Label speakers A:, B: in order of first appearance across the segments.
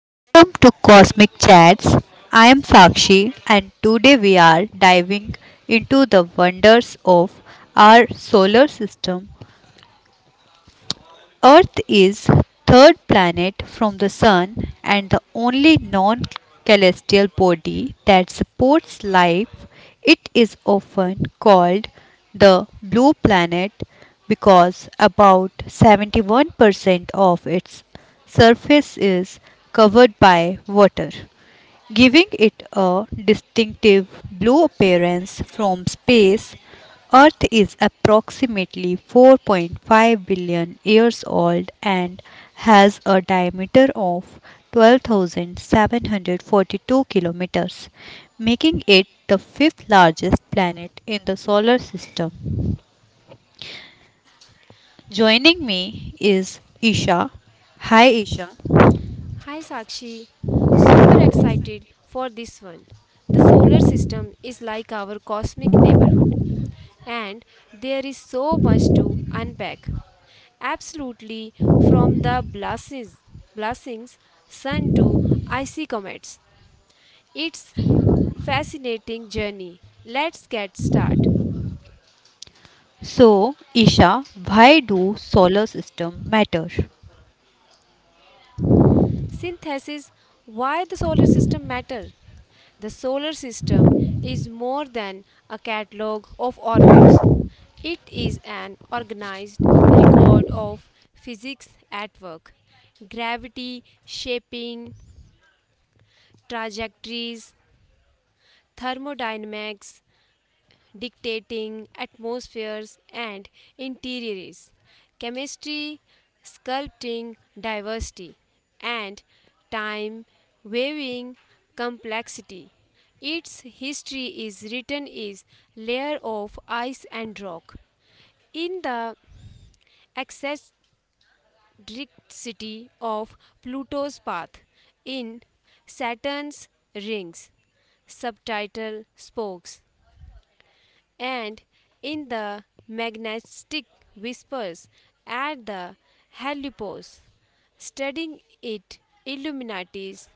A: welcome to Cosmic Chats. I am Sakshi, and today we are diving into the wonders of our solar system. Earth is third planet from the sun and the only non-celestial body that supports life. It is often called the blue planet because about 71% of its surface is covered by water, giving it a distinctive blue appearance from space. Earth is approximately 4.5 billion years old and has a diameter of 12,742 kilometers, making it the fifth largest planet in the solar system. Joining me is Isha. Hi Isha.
B: Hi Sakshi, super excited for this one. The solar system is like our cosmic neighborhood, and there is so much to unpack. Absolutely, from the blessings sun to icy comets. It's fascinating journey. Let's get started.
A: So, Isha, why do solar system matter?
B: Synthesis. Why the solar system matter? The solar system is more than a catalog of orbits. It is an organized record of physics at work. Gravity shaping trajectories, thermodynamics, dictating atmospheres and interiors, chemistry, sculpting diversity, and time weaving complexity. Its history is written is layer of ice and rock. In the eccentricity of Pluto's path, in Saturn's rings, subtitle spokes and in the magnetic whispers at the helipos, studying it illuminates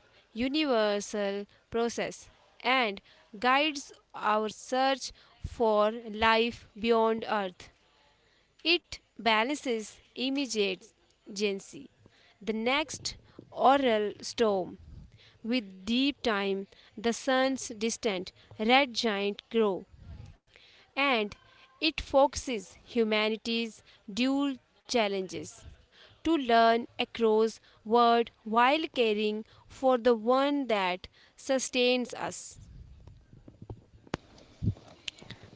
B: universal process and guides our search for life beyond Earth. It balances immediacy, the next oral storm. With deep time, the sun's distant red giant grow and it focuses humanity's dual challenges to learn across world while caring for the one that sustains us.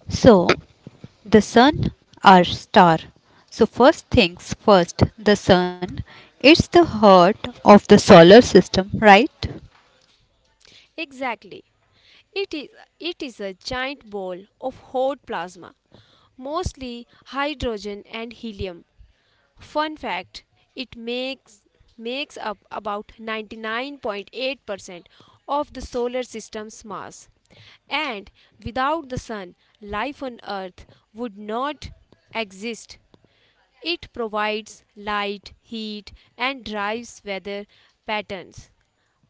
A: So, the sun, our star. So, first things first, the sun. It's the heart of the solar system, right?
B: Exactly. It is it is a giant ball of hot plasma, mostly hydrogen and helium. Fun fact, it makes up about 99.8% of the solar system's mass. And without the sun, life on Earth would not exist. It provides light, heat, and drives weather patterns.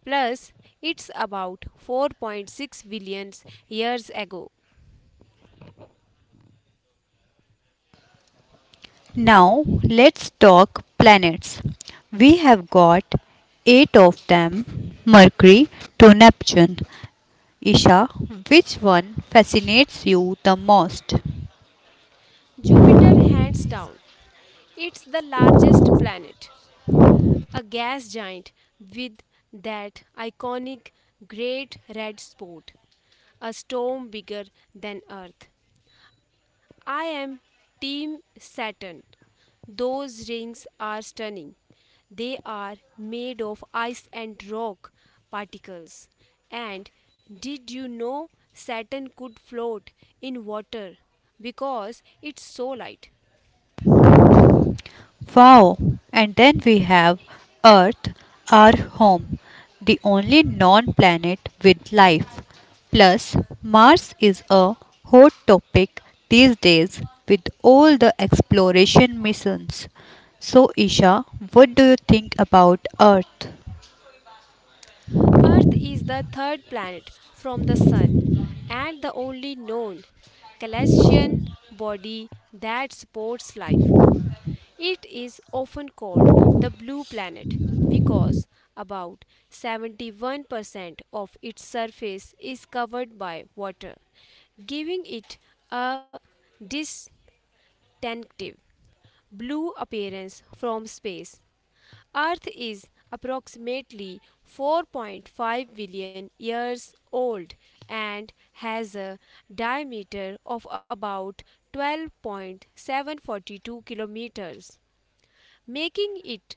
B: Plus, it's about 4.6 billion years ago.
A: Now, let's talk planets. We have got eight of them, Mercury to Neptune. Isha, which one fascinates you the most?
B: Jupiter, hands down, it's the largest planet. A gas giant with that iconic great red spot, a storm bigger than Earth. I am Team Saturn. Those rings are stunning. They are made of ice and rock particles. And did you know Saturn could float in water because it's so light?
A: Wow! And then we have Earth, our home, the only non planet with life. Plus, Mars is a hot topic these days with all the exploration missions. So, Isha, what do you think about Earth?
B: Earth is the third planet from the Sun and the only known celestial body that supports life. It is often called the blue planet because about 71% of its surface is covered by water, giving it a distinctive blue appearance from space. Earth is approximately 4.5 billion years old and has a diameter of about 12.742 kilometers, making it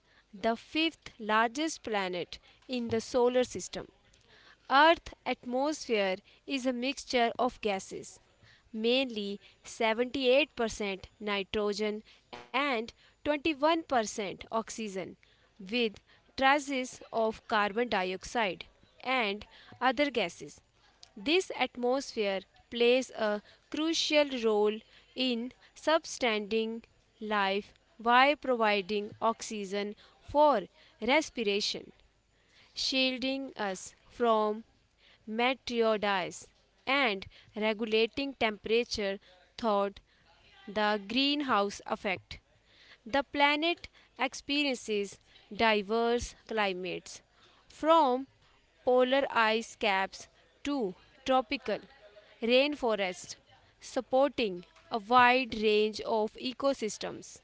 B: the fifth largest planet in the solar system. Earth's atmosphere is a mixture of gases, mainly 78% nitrogen and 21% oxygen, with traces of carbon dioxide and other gases. This atmosphere plays a crucial role in sustaining life by providing oxygen for respiration, shielding us from meteorites, and regulating temperature through the greenhouse effect. The planet experiences diverse climates, from polar ice caps to tropical rainforests, supporting a wide range of ecosystems.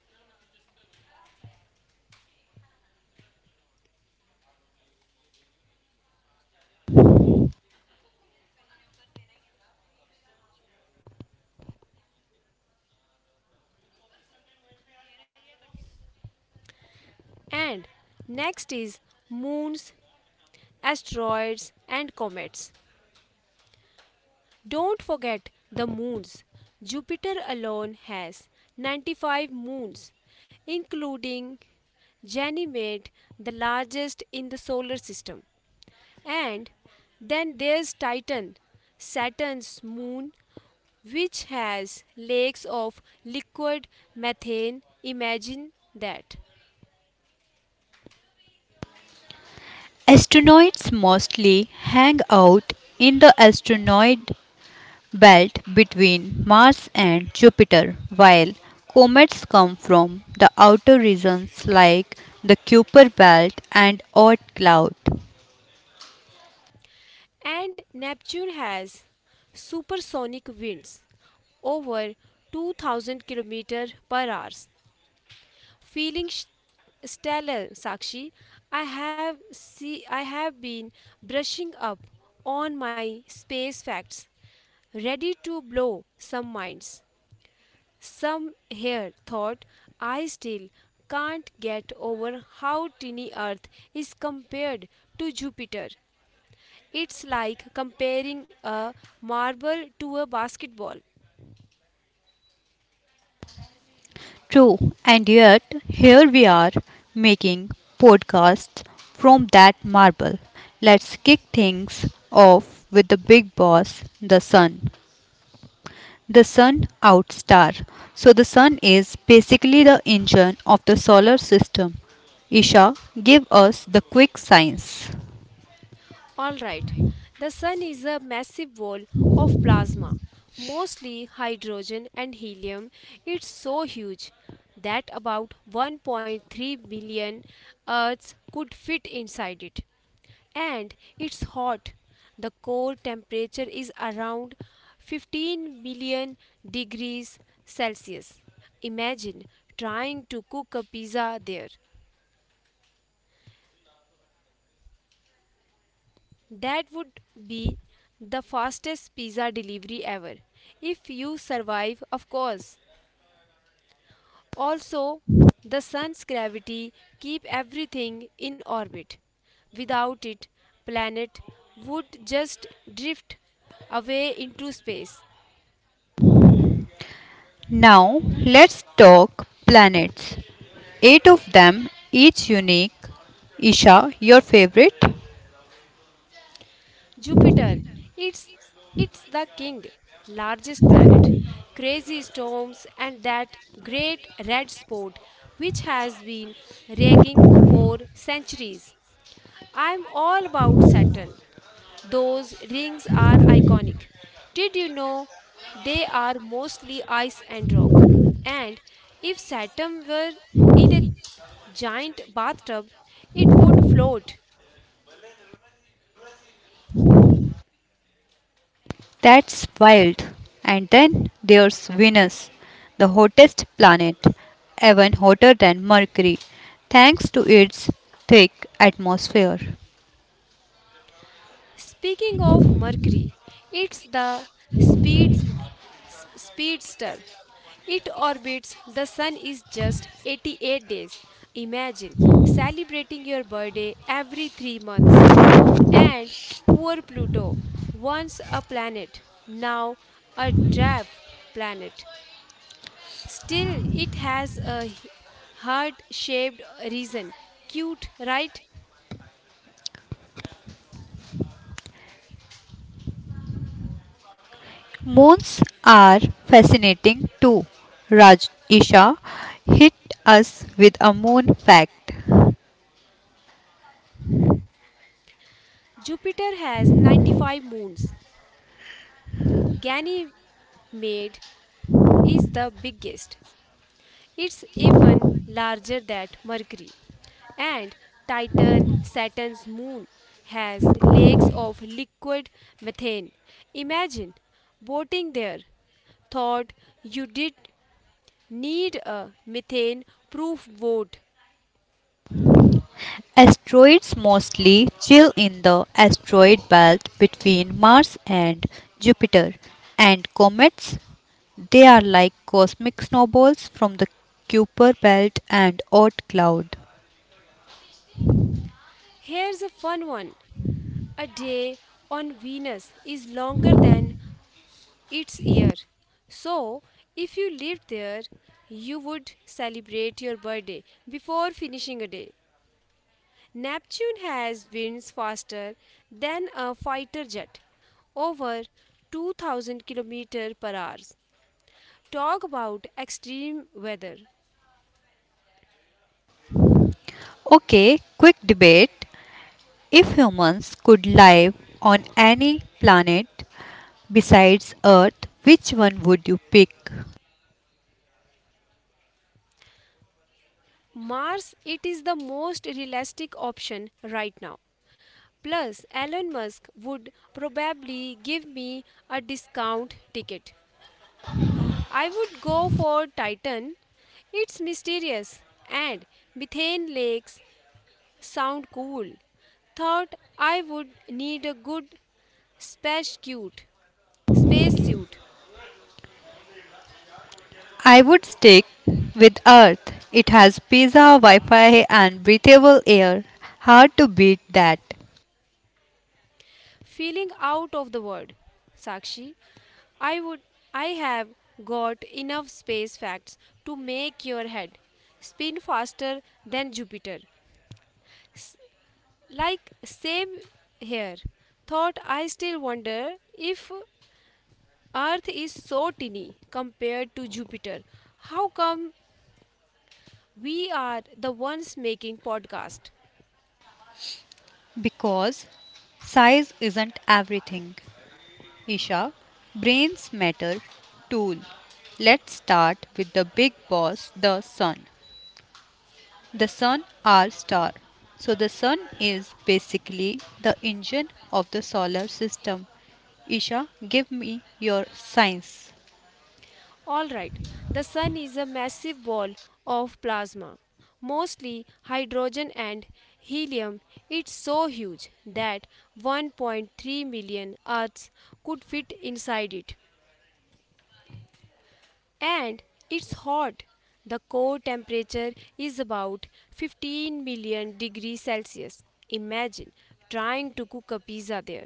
B: And next is moons, asteroids, and comets. Don't forget the moons. Jupiter alone has 95 moons, including Ganymede, the largest in the solar system. And then there's Titan, Saturn's moon, which has lakes of liquid methane. Imagine that.
A: Astronauts mostly hang out in the asteroid belt between Mars and Jupiter, while comets come from the outer regions like the Kuiper belt and Oort cloud.
B: And Neptune has supersonic winds over 2000 km per hour feeling stellar, Sakshi. I have been brushing up on my space facts, ready to blow some minds. Some here thought I still can't get over how tiny Earth is compared to Jupiter. It's like comparing a marble to a basketball.
A: True, and yet here we are making podcasts from that marble. Let's kick things off with the big boss, the sun. The sun, out star. So, the sun is basically the engine of the solar system. Isha, give us the quick science.
B: Alright, the sun is a massive ball of plasma, mostly hydrogen and helium. It's so huge that about 1.3 billion Earths could fit inside it. And it's hot. The core temperature is around 15 million degrees Celsius. Imagine trying to cook a pizza there. That would be the fastest pizza delivery ever. If you survive, of course. Also, the sun's gravity keep everything in orbit. Without it, planet would just drift away into space.
A: Now, let's talk planets. Eight of them, each unique. Isha, your favorite?
B: Jupiter, it's it's the king, largest planet. Crazy storms and that great red spot which has been raging for centuries. I'm all about Saturn. Those rings are iconic. Did you know they are mostly ice and rock? And if Saturn were in a giant bathtub, it would float.
A: That's wild. And then there's Venus, the hottest planet, even hotter than Mercury, thanks to its thick atmosphere.
B: Speaking of Mercury, it's the speeds speedster. It orbits the sun is just 88 days. Imagine celebrating your birthday every 3 months. And poor Pluto, once a planet, now a draft planet. Still, it has a heart shaped reason. Cute, right?
A: Moons are fascinating too. Raj Isha, hit us with a moon fact.
B: Jupiter has 95 moons. Ganymede is the biggest. It's even larger than Mercury. And Titan, Saturn's moon, has lakes of liquid methane. Imagine boating there. Thought you did need a methane proof boat.
A: Asteroids mostly chill in the asteroid belt between Mars and Jupiter, and comets, they are like cosmic snowballs from the Kuiper belt and Oort cloud.
B: Here's a fun one. A day on Venus is longer than its year. So, if you lived there, you would celebrate your birthday before finishing a day. Neptune has winds faster than a fighter jet, over 2000 km per hour. Talk about extreme weather.
A: Okay, quick debate. If humans could live on any planet, besides Earth, which one would you pick?
B: Mars, it is the most realistic option right now. Plus, Elon Musk would probably give me a discount ticket. I would go for Titan. It's mysterious and methane lakes sound cool. Thought I would need a good Space cute, space suit,
A: I would stick with Earth. It has pizza, Wi Fi, and breathable air. Hard to beat that.
B: feeling out of the world. Sakshi, I would I have got enough space facts to make your head spin faster than Jupiter. Like same here. Thought I still wonder if Earth is so tiny compared to Jupiter. How come we are the ones making podcast?
A: Because size isn't everything. Isha, brains matter. Tool. Let's start with the big boss, the sun. The sun, our star. So, the sun is basically the engine of the solar system. Isha, give me your science.
B: Alright, the sun is a massive ball of plasma, mostly hydrogen and helium. It's so huge that 1.3 million Earths could fit inside it. And it's hot. The core temperature is about 15 million degrees Celsius. Imagine trying to cook a pizza there.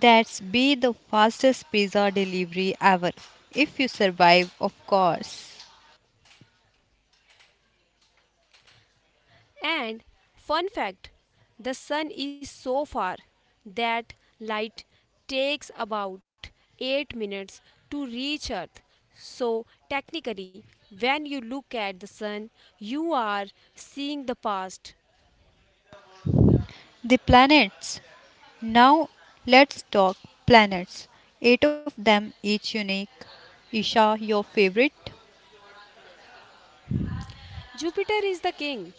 A: That's be the fastest pizza delivery ever, if you survive, of course.
B: And fun fact, the sun is so far that light takes about 8 minutes to reach Earth. So technically when you look at the sun you are seeing the past.
A: The planets. Now, let's talk planets. Eight of them, each unique. Isha, your favorite?
B: Jupiter is the king,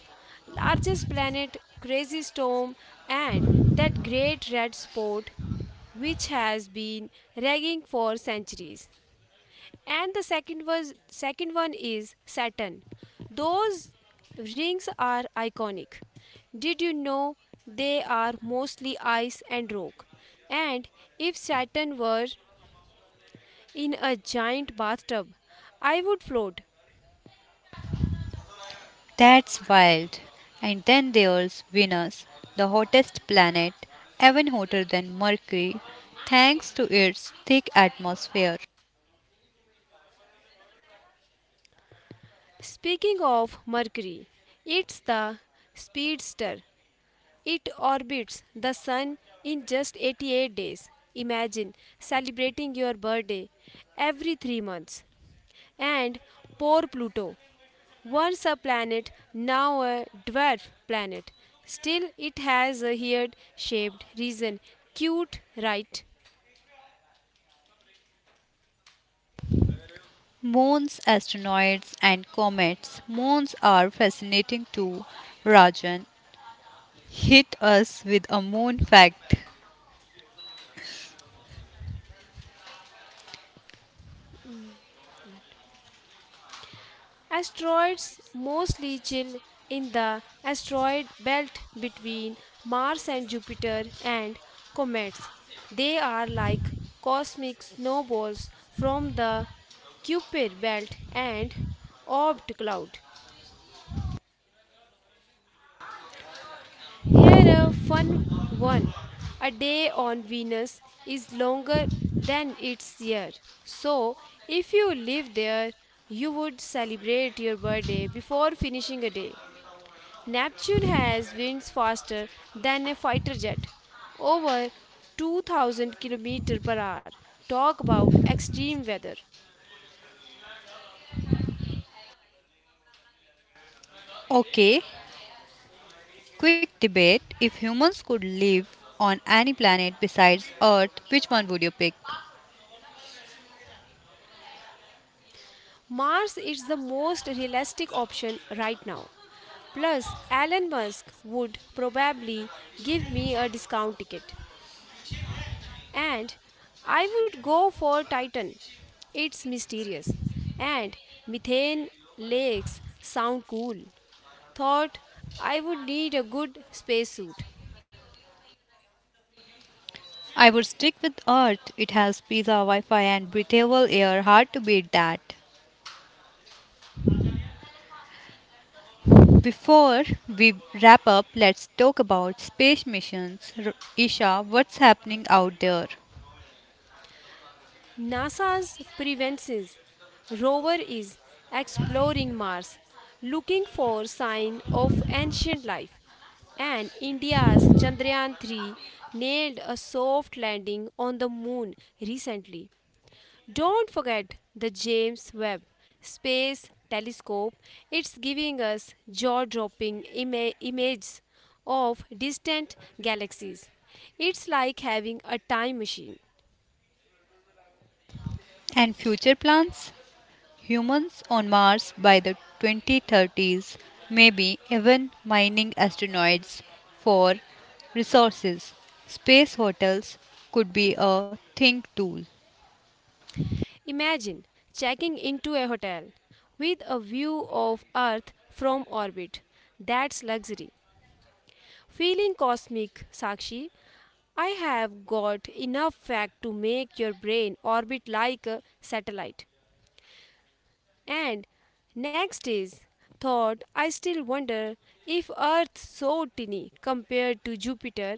B: largest planet, crazy storm and that great red spot which has been raging for centuries. And the second one is Saturn. Those rings are iconic. Did you know they are mostly ice and rock? And if Saturn were in a giant bathtub, I would float.
A: That's wild. And then there's Venus, the hottest planet, even hotter than Mercury, thanks to its thick atmosphere.
B: Speaking of Mercury, it's the speedster. It orbits the sun in just 88 days. Imagine celebrating your birthday every 3 months. And poor Pluto. Once a planet, now a dwarf planet. Still, it has a heart shaped region. Cute, right?
A: Moons, asteroids, and comets. Moons are fascinating too. Rajan, hit us with a moon fact.
B: Asteroids mostly chill in the asteroid belt between Mars and Jupiter and comets. They are like cosmic snowballs from the Kuiper belt and orbit cloud. Here a fun one. A day on Venus is longer than its year. So, if you live there, you would celebrate your birthday before finishing a day. Neptune has winds faster than a fighter jet, over 2000 km per hour. Talk about extreme weather.
A: Okay, quick debate. If humans could live on any planet besides Earth, which one would you pick?
B: Mars is the most realistic option right now. Plus, Elon Musk would probably give me a discount ticket. And I would go for Titan. It's mysterious. And methane lakes sound cool. Thought I would need a good spacesuit.
A: I would stick with Earth. It has pizza, Wi Fi, and breathable air. Hard to beat that. Before we wrap up, let's talk about space missions. Isha, what's happening out there?
B: NASA's Preventions rover is exploring Mars, looking for sign of ancient life. And India's Chandrayaan 3 nailed a soft landing on the moon recently. Don't forget the James Webb Space Telescope. It's giving us jaw dropping images of distant galaxies. It's like having a time machine.
A: And future plans? Humans on Mars by the 2030s, maybe even mining asteroids for resources. Space hotels could be a think tool.
B: Imagine checking into a hotel with a view of Earth from orbit. That's luxury. Feeling cosmic, Sakshi. I have got enough fact to make your brain orbit like a satellite. And next is thought I still wonder if Earth so tiny compared to Jupiter,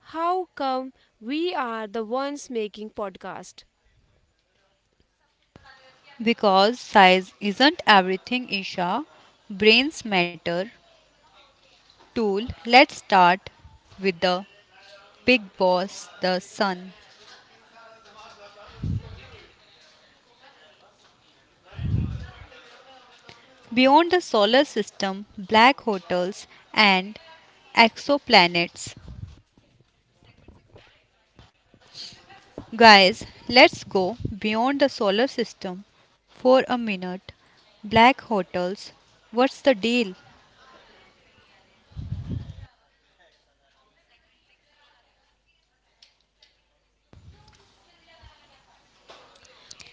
B: how come we are the ones making podcast?
A: Because size isn't everything, Isha. Brains matter. Tool, let's start with the big boss, the sun. Beyond the solar system, black hotels, and exoplanets. Guys, let's go beyond the solar system for a minute. Black hotels, what's the deal?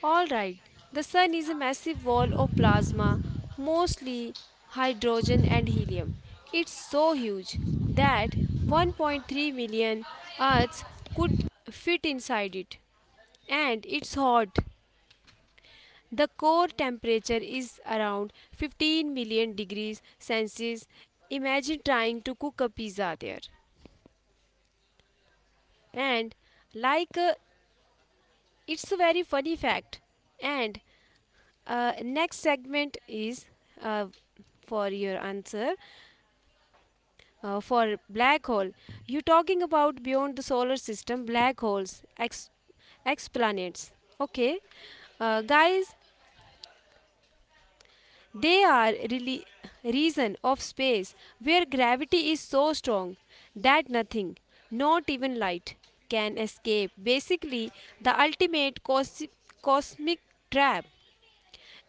B: All right, the sun is a massive ball of plasma, mostly hydrogen and helium. It's so huge that 1.3 million Earths could fit inside it, and it's hot. The core temperature is around 15 million degrees Celsius. Imagine trying to cook a pizza there. And like it's a very funny fact. And next segment is uh, for your answer for black hole. You talking about beyond the solar system black holes, exoplanets. Okay, guys, they are really regions of space where gravity is so strong that nothing, not even light, can escape. Basically, the ultimate cosmic trap.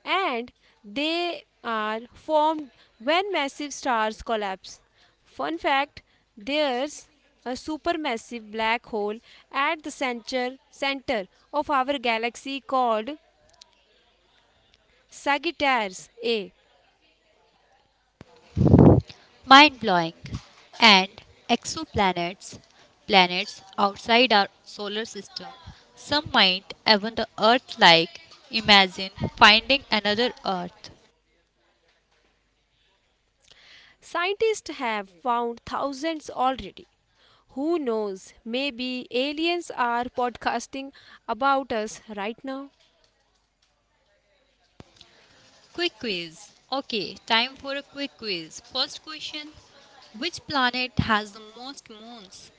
B: And they are formed when massive stars collapse. Fun fact, there's a supermassive black hole at the center of our galaxy called Sagittarius A.
A: Mind blowing. And exoplanets, planets outside our solar system. Some might even the Earth like. Imagine finding another Earth.
B: Scientists have found thousands already. Who knows? Maybe aliens are podcasting about us right now.
A: Quick quiz. Okay, time for a quick quiz. First question. Which planet has the most moons?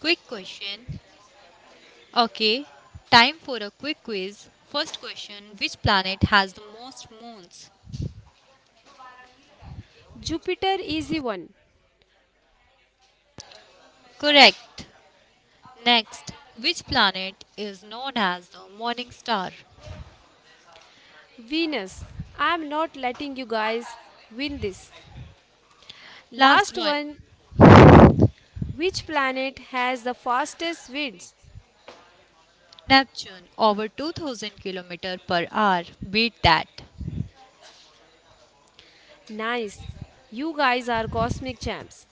A: Quick question. Okay, time for a quick quiz. First question. Which planet has the most moons?
B: Jupiter is the one.
A: Correct. Next, which planet is known as the morning star?
B: Venus. I'm not letting you guys win this.
A: Last
B: Last
A: one,
B: one. Which planet has the fastest winds?
A: Neptune, over 2,000 km per hour. Beat that.
B: Nice. You guys are cosmic champs.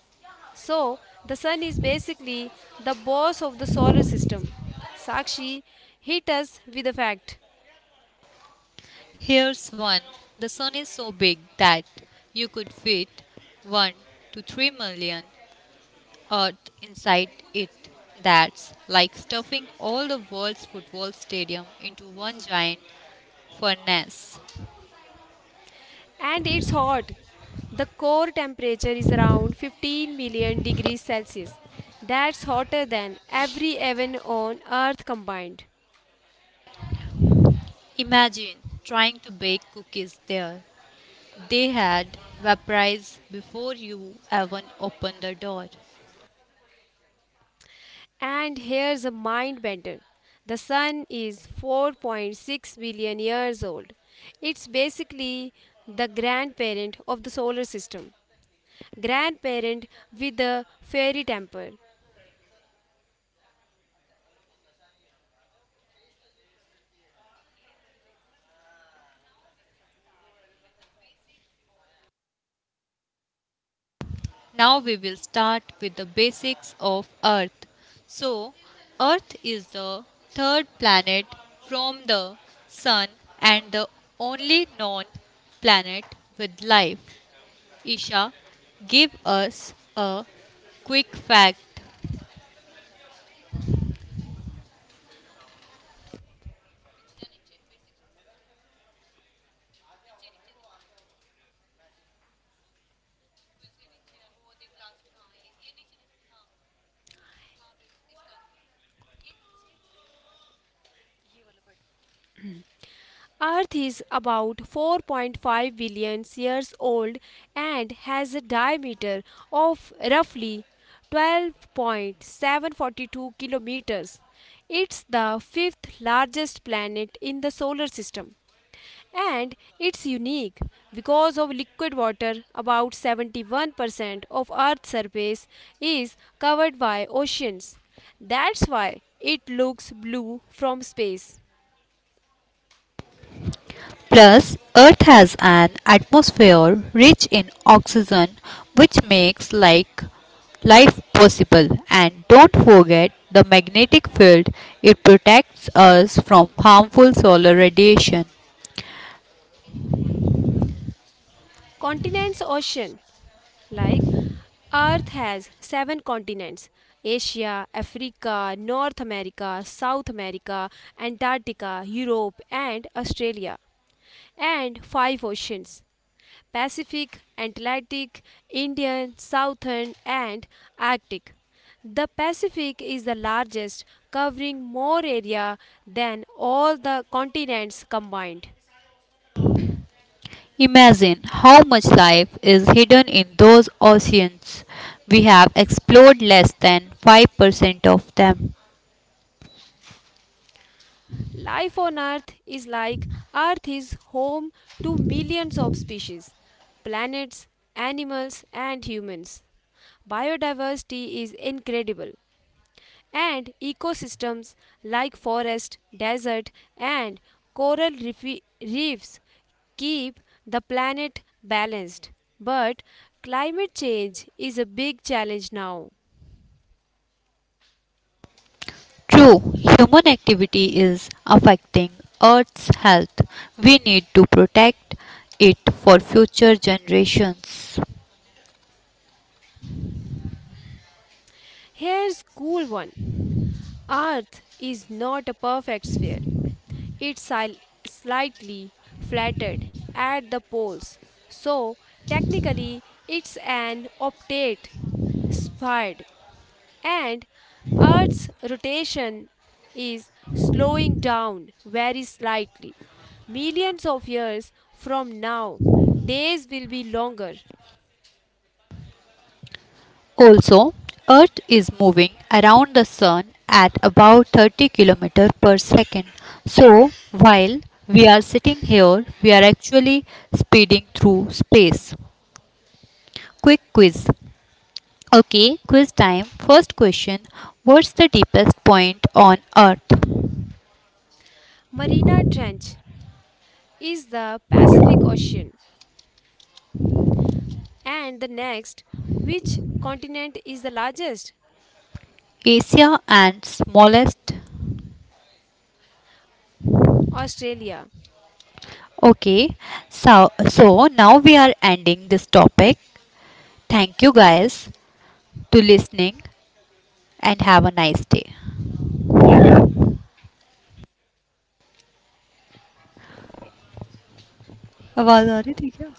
B: So, the sun is basically the boss of the solar system. Sakshi, hit us with a fact.
A: Here's one. The sun is so big that you could fit 1 to 3 million Earth inside it. That's like stuffing all the world's football stadium into one giant furnace.
B: And it's hot. The core temperature is around 15 million degrees Celsius. That's hotter than every heaven on Earth combined.
A: Imagine trying to bake cookies there. They had vaporized before you even opened the door.
B: And here's a mind bender. The sun is 4.6 billion years old. It's basically the grandparent of the solar system, grandparent with a fairy temper.
A: Now we will start with the basics of Earth. So, Earth is the third planet from the Sun and the only known planet with life. Isha, give us a quick fact.
B: Earth is about 4.5 billion years old and has a diameter of roughly 12.742 kilometers. It's the fifth largest planet in the solar system and it's unique because of liquid water. About 71% of Earth's surface is covered by oceans. That's why it looks blue from space.
A: Plus, Earth has an atmosphere rich in oxygen, which makes life possible. And don't forget the magnetic field; it protects us from harmful solar radiation.
B: Continents ocean. Like, Earth has seven continents: Asia, Africa, North America, South America, Antarctica, Europe, and Australia, and five oceans: Pacific, Atlantic, Indian, Southern, and Arctic. The Pacific is the largest, covering more area than all the continents combined.
A: Imagine how much life is hidden in those oceans. We have explored less than 5% of them.
B: Life on Earth is like Earth is home to millions of species, planets, animals, and humans. Biodiversity is incredible, and ecosystems like forest, desert, and coral reefs keep the planet balanced. But climate change is a big challenge now.
A: True, human activity is affecting Earth's health. We need to protect it for future generations.
B: Here's cool one. Earth is not a perfect sphere. It's slightly flattened at the poles. So, technically, it's an obtate sphere and Earth's rotation is slowing down very slightly. Millions of years from now, days will be longer.
A: Also, Earth is moving around the sun at about 30 km per second. So, while we are sitting here, we are actually speeding through space. Quick quiz. Okay, quiz time. First question. What's the deepest point on Earth?
B: Marina Trench is the Pacific Ocean. And the next, which continent is the largest?
A: Asia and smallest.
B: Australia.
A: Okay, so now we are ending this topic. Thank you guys to listening and have a nice day. आवाज आ रही थी क्या